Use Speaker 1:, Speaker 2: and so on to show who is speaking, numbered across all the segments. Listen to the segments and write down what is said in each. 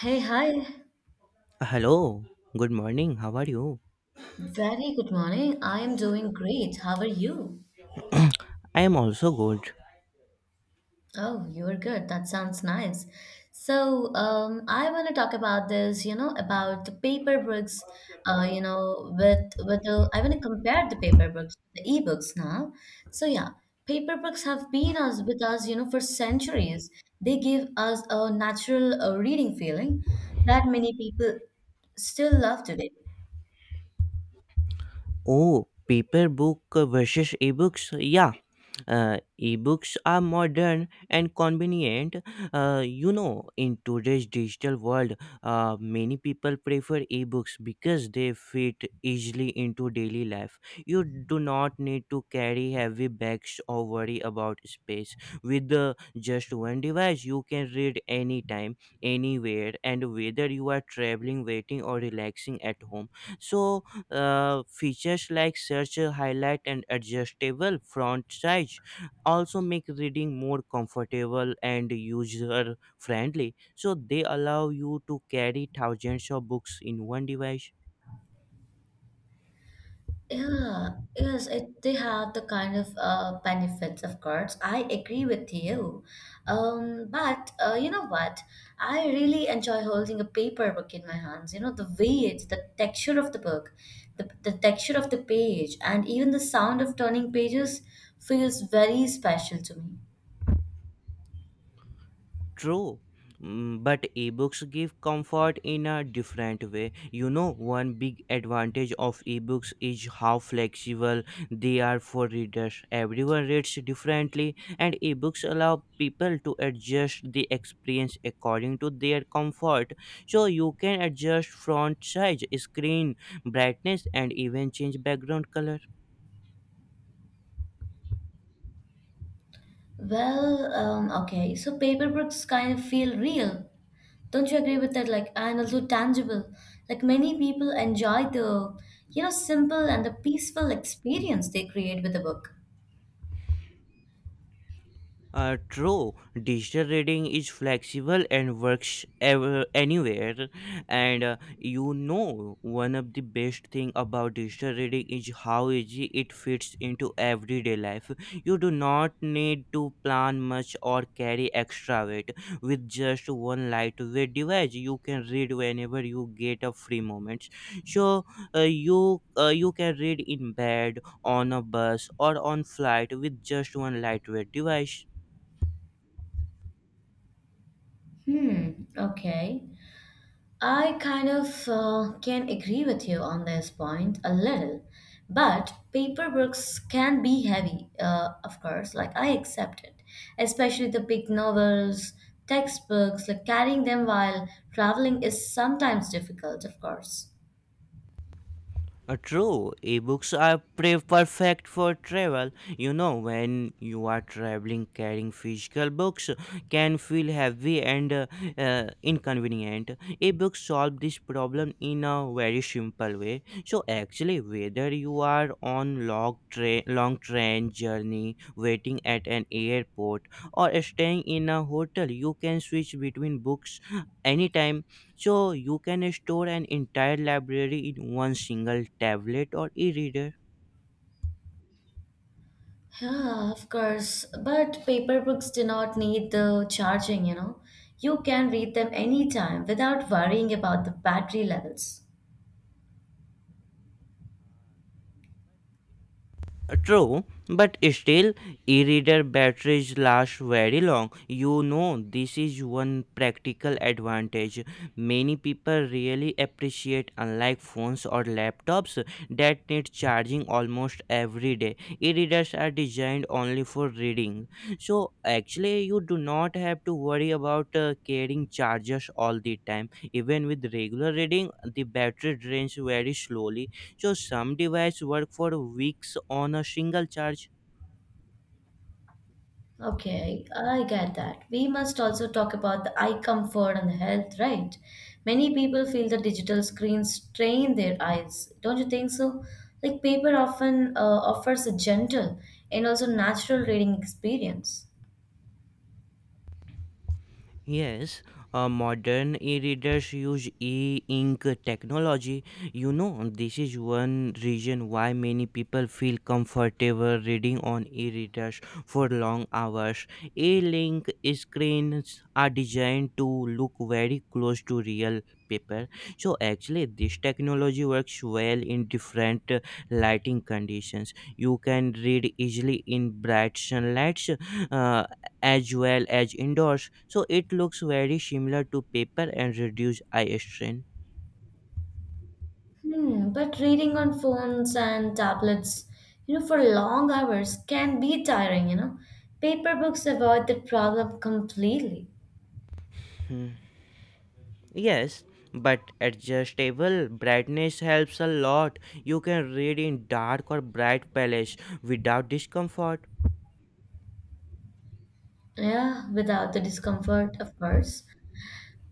Speaker 1: Hey, hi.
Speaker 2: Hello, good morning. How are you?
Speaker 1: Very good morning. I am doing great. How are you?
Speaker 2: I am also good.
Speaker 1: Oh, you're good. That sounds nice. I want to talk about this, you know, about the paper books, you know, with with the. I want to compare the paper books to the e-books now. So, yeah, paper books have been us with us, you know, for centuries. They give us a natural reading feeling that many people still love today.
Speaker 2: Oh, paper book versus ebooks. Yeah, ebooks are modern and convenient. You know, in today's digital world, many people prefer ebooks because they fit easily into daily life. You do not need to carry heavy bags or worry about space. With just one device, you can read anytime, anywhere, and whether you are traveling, waiting, or relaxing at home. So, features like search highlight and adjustable font size also make reading more comfortable and user friendly, so they allow you to carry thousands of books in one device.
Speaker 1: Yeah, they have the kind of benefits, of course. I agree with you. But you know what? I really enjoy holding a paper book in my hands. You know, the weight, the texture of the book, the texture of the page, and even the sound of turning pages feels very special to me.
Speaker 2: True. But ebooks give comfort in a different way. You know, one big advantage of ebooks is how flexible they are for readers. Everyone reads differently, and ebooks allow people to adjust the experience according to their comfort. So you can adjust font size, screen brightness, and even change background color.
Speaker 1: So paper books kind of feel real. Don't you agree with that? Like, and also tangible. Like, many people enjoy the simple and the peaceful experience they create with a book.
Speaker 2: True, digital reading is flexible and works ever, anywhere. And you know, one of the best thing about digital reading is how easy it fits into everyday life. You do not need to plan much or carry extra weight. With just one lightweight device, you can read whenever you get a free moment. So you can read in bed, on a bus, or on flight with just one lightweight device.
Speaker 1: Hmm, okay. I kind of can agree with you on this point a little, but paper books can be heavy, of course, like I accept it, especially the big novels, textbooks, like carrying them while traveling is sometimes difficult, of course.
Speaker 2: True, ebooks are perfect for travel. You know, when you are traveling, carrying physical books can feel heavy and inconvenient. Ebooks solve this problem in a very simple way. So, actually, whether you are on long train journey, waiting at an airport, or staying in a hotel, you can switch between books anytime, so you can store an entire library in one single tablet or e-reader.
Speaker 1: Yeah, of course. But paper books do not need the charging, you know. You can read them anytime without worrying about the battery levels.
Speaker 2: True, but still, e-reader batteries last very long. You know, this is one practical advantage many people really appreciate. Unlike phones or laptops that need charging almost every day, e-readers are designed only for reading. So actually, you do not have to worry about carrying chargers all the time. Even with regular reading, the battery drains very slowly, so some devices work for weeks on a single charge.
Speaker 1: Okay, I get that. We must also talk about the eye comfort and the health, right? Many people feel the digital screens strain their eyes. Don't you think so? Like paper often offers a gentle and also natural reading experience.
Speaker 2: Yes, modern e-readers use e-ink technology. You know, this is one reason why many people feel comfortable reading on e-readers for long hours. E-link screens are designed to look very close to real paper. So actually, this technology works well in different lighting conditions. You can read easily in bright sunlights uh, as well as indoors, so it looks very similar to paper and reduce eye strain.
Speaker 1: Hmm, but reading on phones and tablets, you know, for long hours can be tiring, you know. Paper books avoid that problem completely.
Speaker 2: Hmm. Yes, but adjustable brightness helps a lot. You can read in dark or bright palettes without discomfort.
Speaker 1: Yeah, without the discomfort, of course.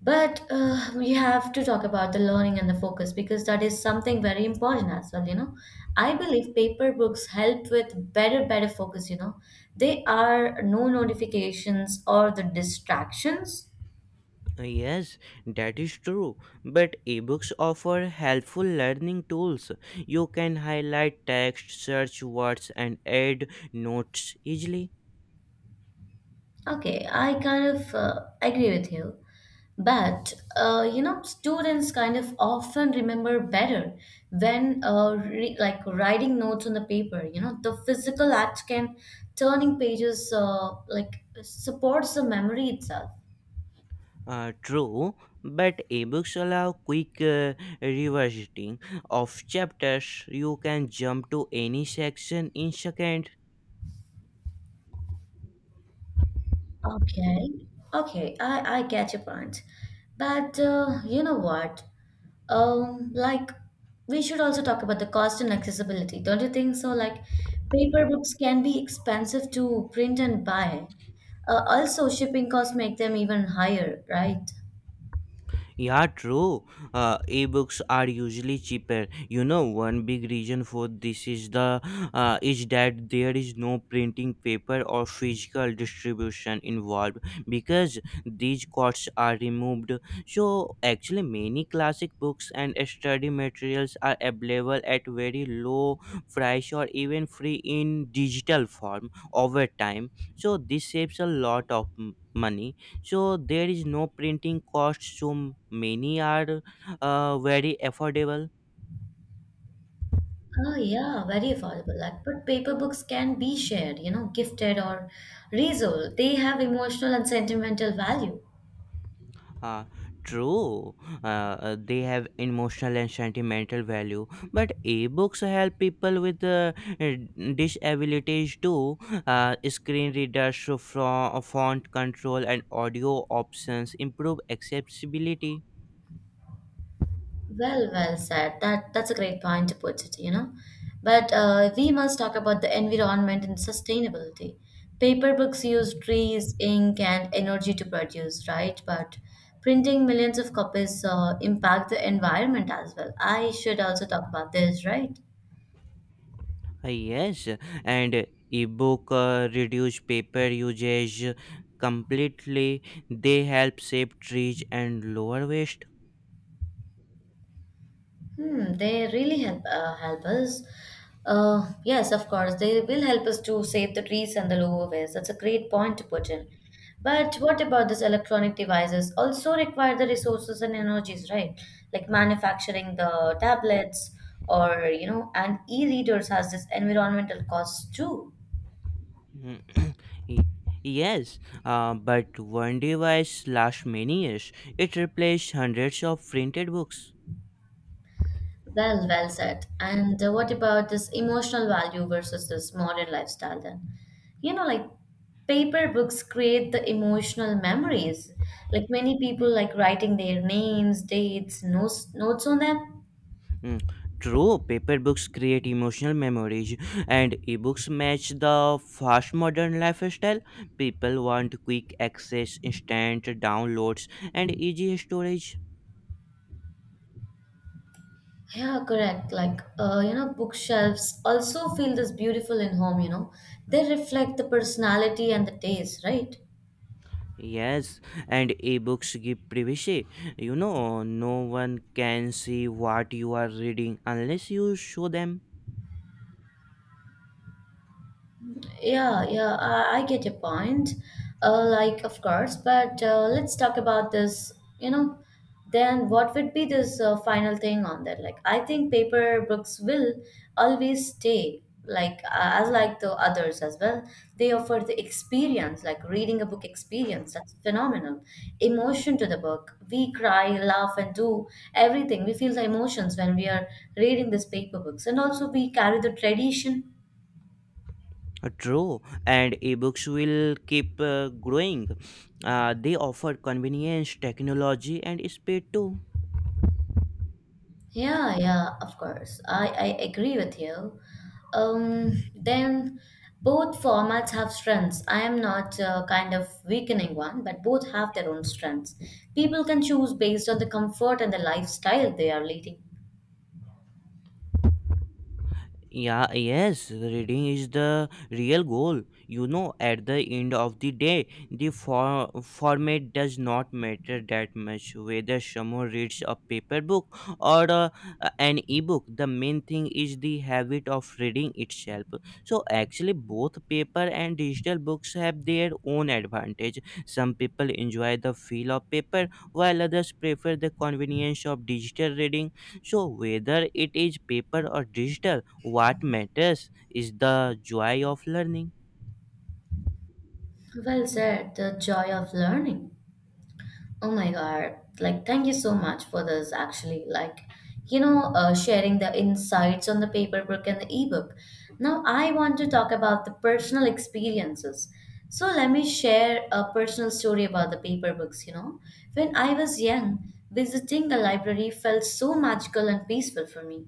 Speaker 1: But we have to talk about the learning and the focus because that is something very important as well, you know. I believe paper books help with better focus, you know. They are no notifications or the distractions.
Speaker 2: Yes, that is true. But ebooks offer helpful learning tools. You can highlight text, search words, and add notes easily.
Speaker 1: Okay, I kind of agree with you. But you know, students kind of often remember better when re like writing notes on the paper. You know, the physical act can turning pages like supports the memory itself.
Speaker 2: True, but ebooks allow quick revisiting of chapters. You can jump to any section in seconds.
Speaker 1: Okay, okay, I get your point, but you know what? Um, like we should also talk about the cost and accessibility, don't you think so? Like paper books can be expensive to print and buy. Also, shipping costs make them even higher, right?
Speaker 2: Yeah, true. Ebooks are usually cheaper. You know, one big reason for this is that there is no printing paper or physical distribution involved because these costs are removed. So actually, many classic books and study materials are available at very low price or even free in digital form over time. So this saves a lot of money, so there is no printing cost, so many are very affordable.
Speaker 1: Oh, yeah, very affordable. Like, but paper books can be shared, you know, gifted or resold. They have emotional and sentimental value.
Speaker 2: Uh, true uh, uh, they have emotional and sentimental value, but ebooks help people with uh, disabilities too. Screen readers from font control and audio options improve accessibility.
Speaker 1: Well, well said. That's a great point to put it, you know. But we must talk about the environment and sustainability. Paper books use trees, ink, and energy to produce, right? But printing millions of copies impact the environment as well. I should also talk about this, right?
Speaker 2: Yes, and ebook reduce paper usage completely. They help save trees and lower waste.
Speaker 1: Hmm, they really help help us. Yes, of course, they will help us to save the trees and the lower waste. That's a great point to put in. But what about these electronic devices? Also require the resources and energies, right? Like manufacturing the tablets or you know, and e-readers has this environmental costs too.
Speaker 2: Mm. y- yes, but one device lasts many years. It replaced hundreds of printed books.
Speaker 1: Well, well said. And what about this emotional value versus this modern lifestyle then? You know, like paper books create the emotional memories. Like many people like writing their names, dates, notes on them.
Speaker 2: Mm. True, paper books create emotional memories, and ebooks match the fast modern lifestyle. People want quick access, instant downloads, and easy storage.
Speaker 1: Yeah, correct. Like, you know, bookshelves also feel this beautiful in home, you know. They reflect the personality and the taste, right?
Speaker 2: Yes, and ebooks give privacy. You know, no one can see what you are reading unless you show them.
Speaker 1: Yeah, I get your point. Like, of course, but let's talk about this. You know, then what would be this final thing on that? Like, I think paper books will always stay. Like, as like the others as well, they offer the experience, like reading a book experience. That's phenomenal. Emotion to the book. We cry, laugh, and do everything. We feel the emotions when we are reading these paper books, and also we carry the tradition.
Speaker 2: True, and ebooks will keep growing. They offer convenience, technology, and speed too.
Speaker 1: Yeah, of course. I agree with you. Then both formats have strengths. I am not kind of weakening one, but both have their own strengths. People can choose based on the comfort and the lifestyle they are leading.
Speaker 2: Yeah, yes, reading is the real goal. You know, at the end of the day, the format does not matter that much whether someone reads a paper book or an ebook. The main thing is the habit of reading itself. So, actually, both paper and digital books have their own advantage. Some people enjoy the feel of paper, while others prefer the convenience of digital reading. So, whether it is paper or digital, what matters is the joy of learning.
Speaker 1: Well said, the joy of learning. Oh my God. Like, thank you so much for this, actually. Like, you know, sharing the insights on the paper book and the ebook. Now, I want to talk about the personal experiences. So, let me share a personal story about the paper books. You know, when I was young, visiting the library felt so magical and peaceful for me.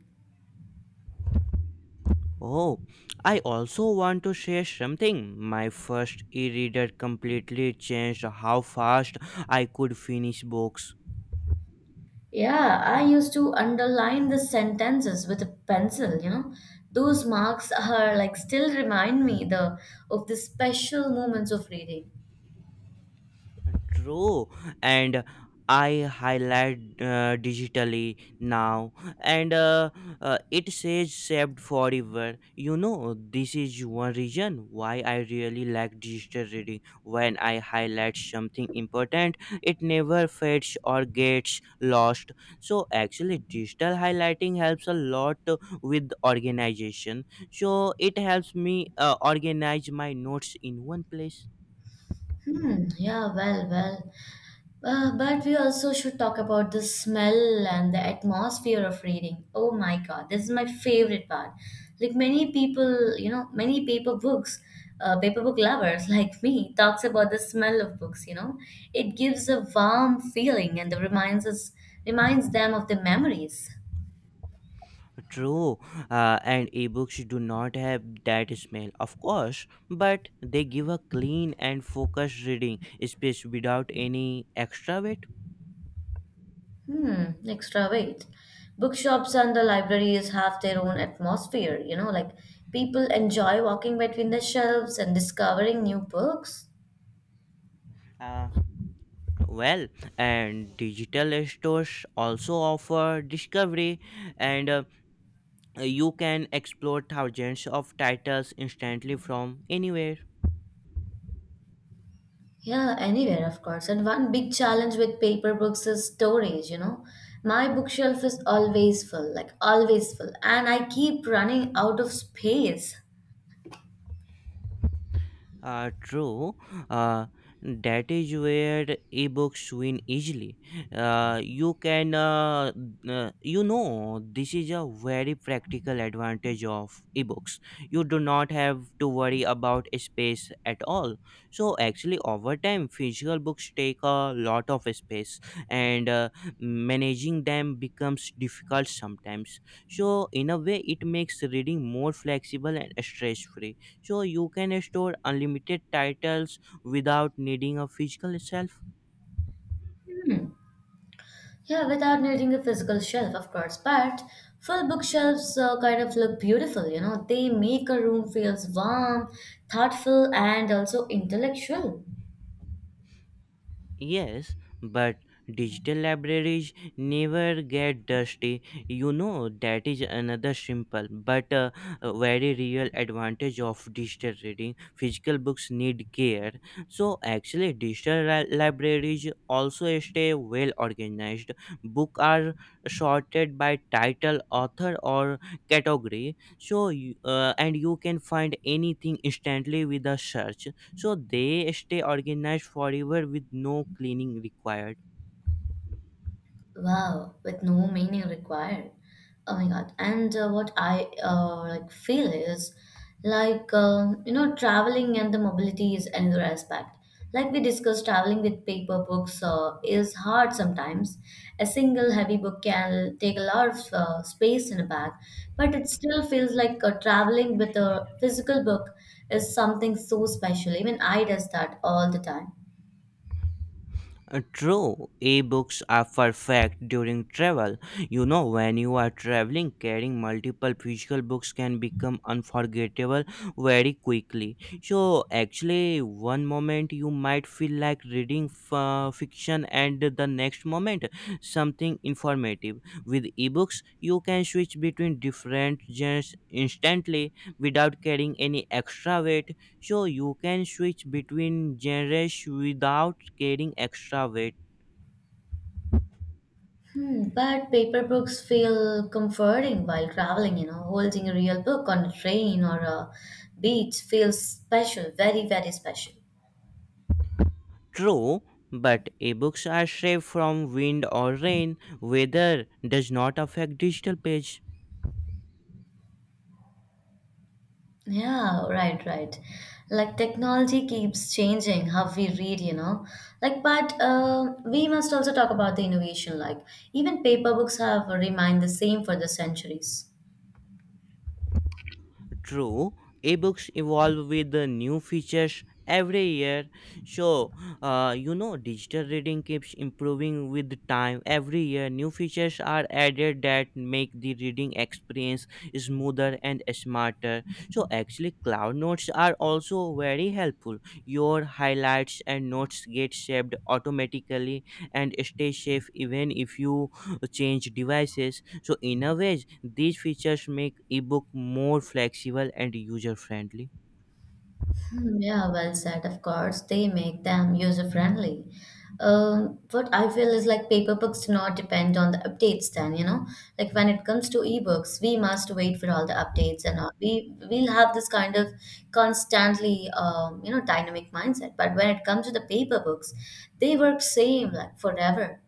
Speaker 2: Oh, I also want to share something. My first e reader completely changed how fast I could finish books.
Speaker 1: Yeah, I used to underline the sentences with a pencil, you know. Those marks are like still remind me the of the special moments of reading.
Speaker 2: True, and I highlight digitally now, and it says saved forever. You know, this is one reason why I really like digital reading. When I highlight something important, it never fades or gets lost. So actually, digital highlighting helps a lot with organization, so it helps me organize my notes in one place.
Speaker 1: Hmm, yeah, well, well. But we also should talk about the smell and the atmosphere of reading. Oh my God, this is my favorite part. Like many people, you know, many paper books, paper book lovers like me, talks about the smell of books. You know, it gives a warm feeling and reminds them of the memories.
Speaker 2: True, and ebooks do not have that smell, of course, but they give a clean and focused reading space without any extra weight.
Speaker 1: Hmm, extra weight. Bookshops and the libraries have their own atmosphere. You know, like people enjoy walking between the shelves and discovering new books.
Speaker 2: Uh, well, and digital stores also offer discovery, and you can explore thousands of titles instantly from anywhere.
Speaker 1: Yeah, anywhere, of course. And one big challenge with paper books is storage, you know. My bookshelf is always full, like always full, and I keep running out of space.
Speaker 2: True. Uh, that is where ebooks win easily. Uh, you can, uh, you know, this is a very practical advantage of ebooks. You do not have to worry about space at all. So, actually, over time, physical books take a lot of space, and managing them becomes difficult sometimes. So, in a way, it makes reading more flexible and stress free, so you can store unlimited titles without needing a physical shelf.
Speaker 1: Hmm. Yeah, without needing a physical shelf, of course. But full bookshelves kind of look beautiful, you know. They make a room feels warm, thoughtful, and also intellectual.
Speaker 2: Yes, but digital libraries never get dusty. You know, that is another simple but a very real advantage of digital reading. Physical books need care. So, actually, digital libraries also stay well organized. Books are sorted by title, author, or category. So, you- and you can find anything instantly with a search, so they stay organized forever with no cleaning required.
Speaker 1: Wow, with no meaning required. Oh my God. And what I like feel is like you know, traveling and the mobility is another aspect. Like we discussed, traveling with paper books is hard sometimes. A single heavy book can take a lot of space in a bag, but it still feels like traveling with a physical book is something so special. Even I does that all the time.
Speaker 2: True, e-books are perfect during travel. You know, when you are traveling, carrying multiple physical books can become unforgettable very quickly. So, actually, one moment you might feel like reading fiction, and the next moment something informative. With e-books, you can switch between different genres instantly without carrying any extra weight, so you can switch between genres without carrying extra weight.
Speaker 1: Hmm, but paper books feel comforting while traveling, you know, holding a real book on a train or a beach feels special, very, very special.
Speaker 2: True, but ebooks are safe from wind or rain. Weather does not affect digital pages.
Speaker 1: Yeah, right, right. Like technology keeps changing how we read, you know. But we must also talk about the innovation. Like, even paper books have remained the same for the centuries.
Speaker 2: True, ebooks evolve with the new features every year. So, you know, digital reading keeps improving with time. Every year, new features are added that make the reading experience smoother and smarter. So, actually, cloud notes are also very helpful. Your highlights and notes get saved automatically and stay safe even if you change devices, so in a way these features make ebook more flexible and user friendly.
Speaker 1: Hmm, yeah, well said. Of course, they make them user friendly. What I feel is like paper books do not depend on the updates then, you know. Like when it comes to ebooks, we must wait for all the updates and all. We'll have this kind of constantly you know, dynamic mindset. But when it comes to the paper books, they work same like forever.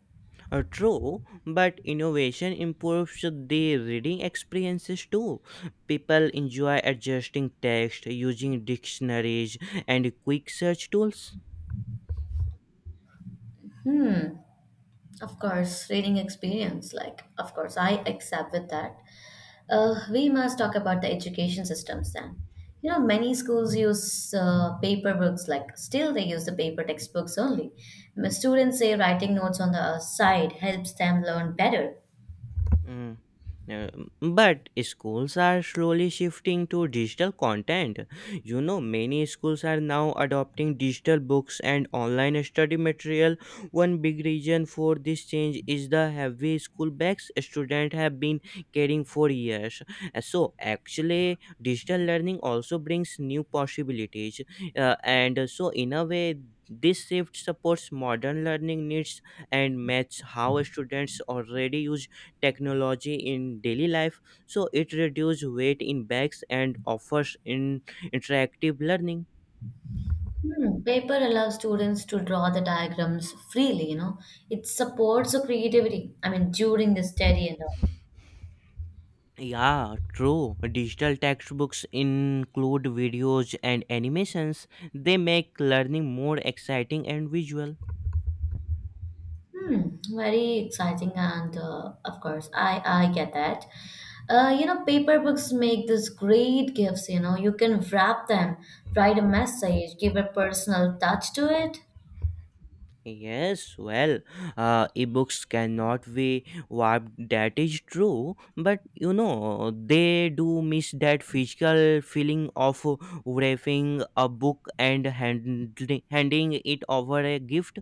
Speaker 2: True, but innovation improves the reading experiences too. People enjoy adjusting text using dictionaries and quick search tools.
Speaker 1: Hmm. Of course, reading experience, like of course I accept with that. We must talk about the education systems then. You know, many schools use paper books, like still they use the paper textbooks only. My students say writing notes on the side helps them learn better.
Speaker 2: Mm. But schools are slowly shifting to digital content. You know, many schools are now adopting digital books and online study material. One big reason for this change is the heavy school bags students have been carrying for years. So, actually, digital learning also brings new possibilities. And so, in a way, this shift supports modern learning needs and matches how students already use technology in daily life, so it reduces weight in bags and offers in interactive learning.
Speaker 1: Hmm, paper allows students to draw the diagrams freely, you know. It supports the creativity, I mean, during the study and all.
Speaker 2: Yeah, true, digital textbooks include videos and animations. They make learning more exciting and visual.
Speaker 1: Hmm, very exciting, and of course, I get that. You know, paper books make these great gifts. You know, you can wrap them, write a message, give a personal touch to it.
Speaker 2: Yes, well, ebooks cannot be warped, that is true, but you know, they do miss that physical feeling of wrapping a book and handing it over a gift.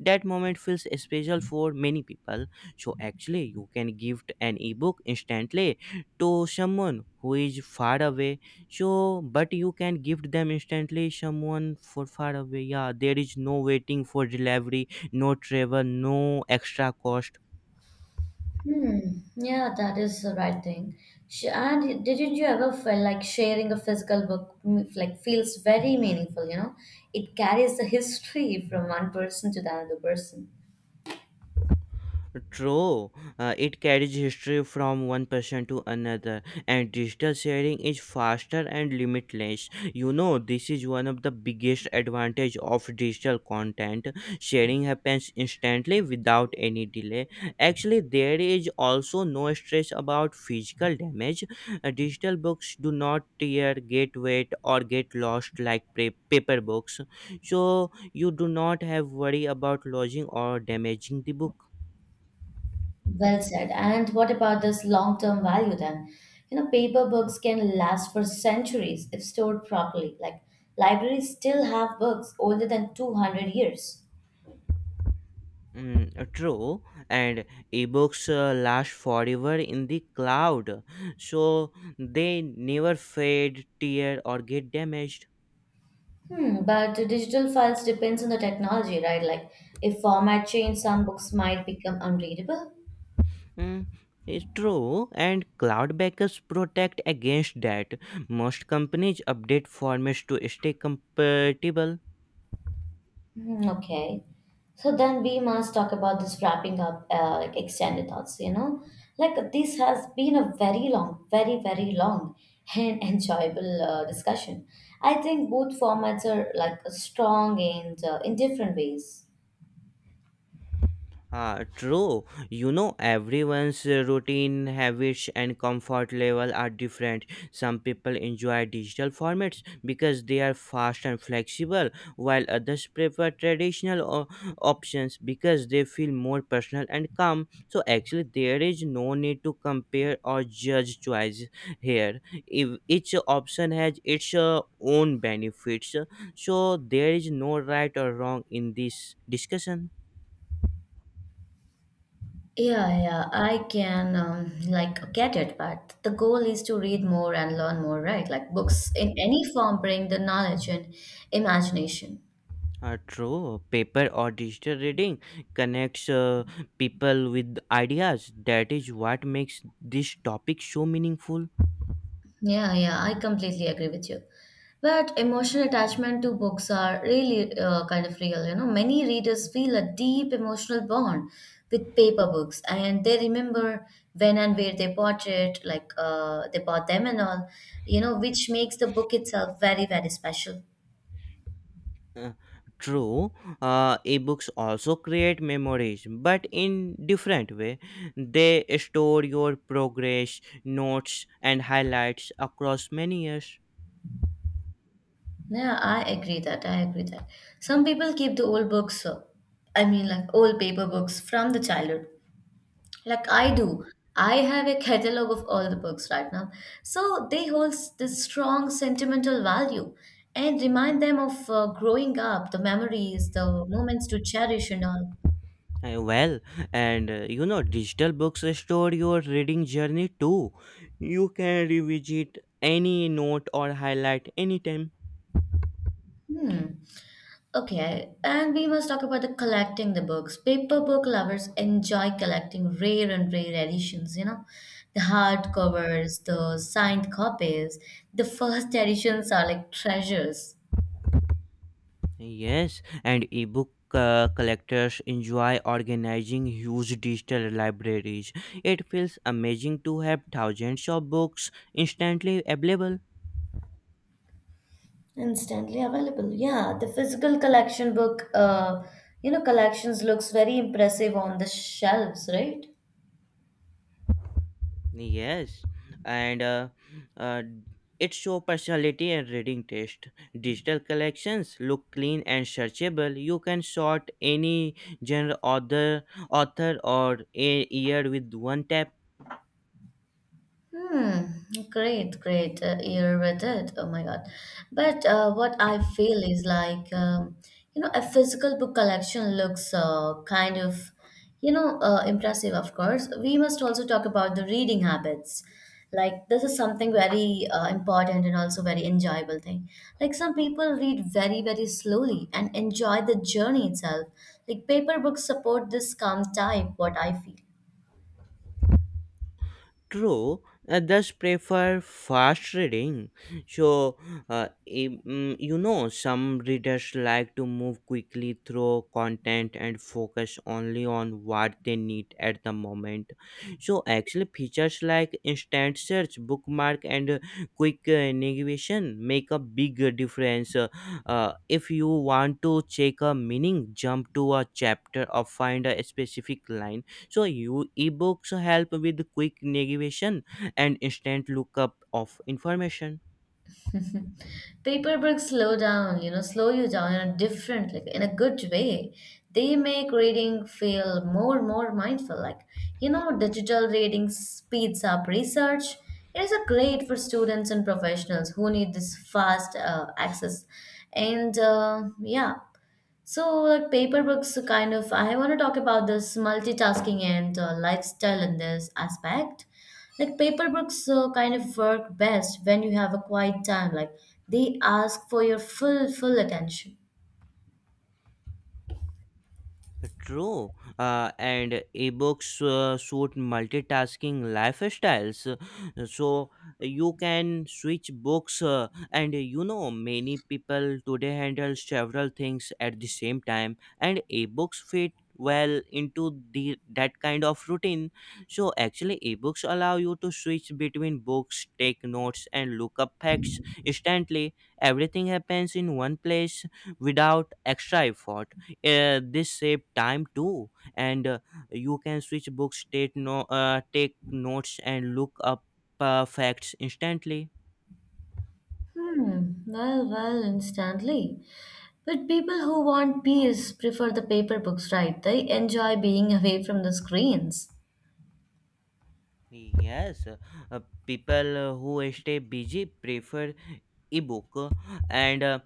Speaker 2: That moment feels special for many people. So, actually, you can gift an ebook instantly to someone who is far away, so but you can gift them instantly someone for far away. Yeah, there is no waiting for delivery, no travel, no extra cost.
Speaker 1: Hmm. Yeah, that is the right thing. And didn't you ever feel like sharing a physical book like feels very meaningful? You know, it carries the history from one person to the another person.
Speaker 2: True, it carries history from one person to another, and digital sharing is faster and limitless. You know, this is one of the biggest advantage of digital content. Sharing happens instantly without any delay. Actually, there is also no stress about physical damage. Digital books do not tear, get wet, or get lost like paper books, so you do not have worry about losing or damaging the book.
Speaker 1: Well said. And what about this long-term value then? You know, paper books can last for centuries if stored properly. Like libraries still have books older than 200 years.
Speaker 2: Mm, true, and ebooks last forever in the cloud, so they never fade, tear, or get damaged.
Speaker 1: Hmm, but digital files depends on the technology, right? Like if format change, some books might become unreadable.
Speaker 2: Mm, it's true, and cloud backups protect against that. Most companies update formats to stay compatible.
Speaker 1: Hmm, okay. So then we must talk about this wrapping up, like extended thoughts, you know? Like this has been a very long, very, very long and enjoyable discussion. I think both formats are like strong and in different ways.
Speaker 2: Ah, true. You know, everyone's routine, habits, and comfort level are different. Some people enjoy digital formats because they are fast and flexible, while others prefer options because they feel more personal and calm. So, actually, there is no need to compare or judge choice here. If each option has its own benefits, so there is no right or wrong in this discussion.
Speaker 1: Yeah, I can like get it, but the goal is to read more and learn more, right? Like books in any form bring the knowledge and imagination.
Speaker 2: True, paper or digital reading connects people with ideas. That is what makes this topic so meaningful.
Speaker 1: Yeah, I completely agree with you. But emotional attachment to books are really kind of real. You know, many readers feel a deep emotional bond with paper books, and they remember when and where they bought it, like they bought them and all. Which makes the book itself very, very special.
Speaker 2: Uh, true, Ebooks also create memories, but in different way. They store your progress, notes, and highlights across many years.
Speaker 1: Yeah, I agree that. I agree that. Some people keep the old books. I mean, like old paper books from the childhood. Like I do. I have a catalog of all the books right now. So they hold this strong sentimental value and remind them of growing up, the memories, the moments to cherish and all.
Speaker 2: Uh, well, Digital books store your reading journey too. You can revisit any note or highlight anytime.
Speaker 1: Hmm. Okay, and we must talk about the collecting the books. Paper book lovers enjoy collecting rare and rare editions, you know, the hard covers, the signed copies. The first editions are like treasures.
Speaker 2: Yes, and ebook collectors enjoy organizing huge digital libraries. It feels amazing to have thousands of books instantly available.
Speaker 1: Instantly available. Yeah, the physical collection book, you know, collections looks very impressive on the shelves, right?
Speaker 2: Yes, and uh, it shows personality and reading taste. Digital collections look clean and searchable. You can sort any genre, author, or a year with one tap.
Speaker 1: Hmm, great, great. You're with it. Oh my God. But what I feel is like, you know, a physical book collection looks kind of, you know, impressive, of course. We must also talk about the reading habits. Like, this is something very important and also very enjoyable thing. Like, some people read very, very slowly and enjoy the journey itself. Like, paper books support this calm type, what I feel.
Speaker 2: True, others prefer fast reading. So, some readers like to move quickly through content and focus only on what they need at the moment. So, actually, features like instant search, bookmark, and quick navigation make a big difference. If you want to check a meaning, jump to a chapter, or find a specific line, so you ebooks help with quick navigation and instant lookup of information.
Speaker 1: Paperbooks slow down, you know, slow you down in a different, like in a good way. They make reading feel more mindful. Like, you know, digital reading speeds up research. It is a great for students and professionals who need this fast access. And yeah, so, like paper books, kind of, I want to talk about this multitasking and lifestyle in this aspect. Like paper books, kind of work best when you have a quiet time. Like they ask for your full attention.
Speaker 2: True, and ebooks suit multitasking lifestyles. So you can switch books, and you know, many people today handle several things at the same time, and ebooks fit well into the that kind of routine. So actually, ebooks allow you to switch between books, take notes, and look up facts instantly. Everything happens in one place without extra effort. This save time too, and you can switch books, take no take notes, and look up facts instantly.
Speaker 1: Hmm. Well, well, instantly. But people who want peace prefer the paper books, right? They enjoy being away from the screens.
Speaker 2: Yes uh, uh, people who stay busy prefer ebook and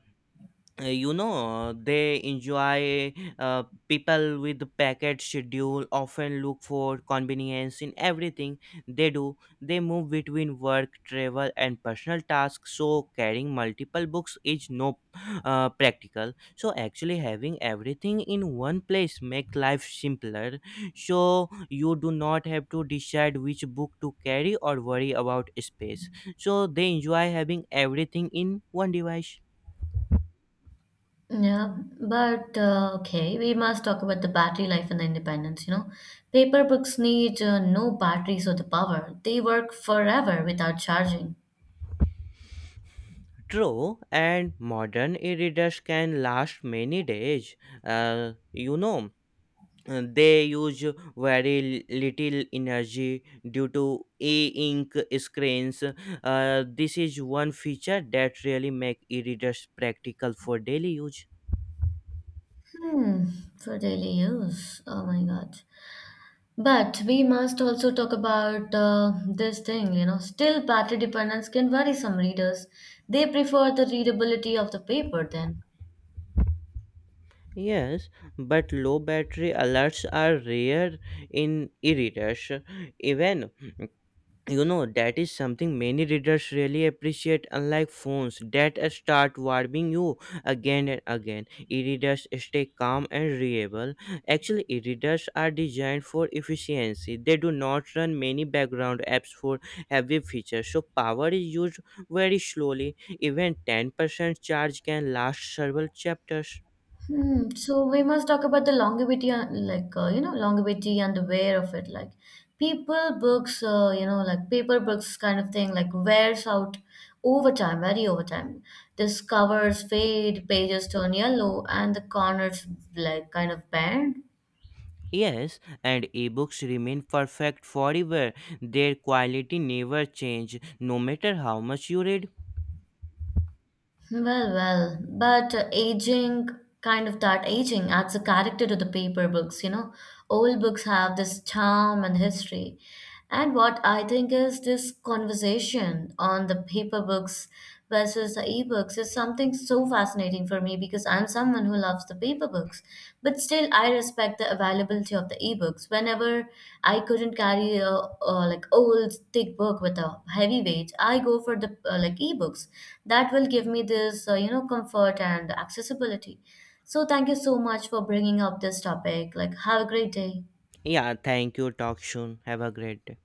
Speaker 2: you know they enjoy People with the packet schedule often look for convenience in everything they do. They move between work, travel, and personal tasks, so carrying multiple books is no practical. So actually, having everything in one place make life simpler, so you do not have to decide which book to carry or worry about space, so they enjoy having everything in one device.
Speaker 1: Yeah, but okay, we must talk about the battery life and the independence, you know. Paper books need no batteries or the power. They work forever without charging.
Speaker 2: True, and modern e-readers can last many days. Uh, you know, they use very little energy due to e-ink screens. This is one feature that really make e-readers practical for daily use.
Speaker 1: Hmm, for daily use. Oh my God. But we must also talk about this thing, you know. Still, battery dependence can worry some readers. They prefer the readability of the paper then.
Speaker 2: Yes, but low battery alerts are rare in e-readers. Even, you know, that is something many readers really appreciate. Unlike phones that start warming you again and again, e-readers stay calm and reliable. Actually, e-readers are designed for efficiency. They do not run many background apps for heavy features, so power is used very slowly. Even 10% charge can last several chapters.
Speaker 1: Hmm. So we must talk about the longevity, you know, longevity and the wear of it. Like people books, you know, like paper books kind of thing, like wears out over time, very over time. This covers fade, pages turn yellow, and the corners like kind of bend.
Speaker 2: Yes, and ebooks remain perfect forever. Their quality never change, no matter how much you read.
Speaker 1: Well, well, but aging, kind of that aging adds a character to the paper books, you know. Old books have this charm and history. And what I think is this conversation on the paper books versus the ebooks is something so fascinating for me because I'm someone who loves the paper books, but still I respect the availability of the ebooks. Whenever I couldn't carry a like old thick book with a heavy weight, I go for the like ebooks. That will give me this you know comfort and accessibility. So thank you so much for bringing up this topic. Like have a great day.
Speaker 2: Yeah, thank you. Talk soon. Have a great day.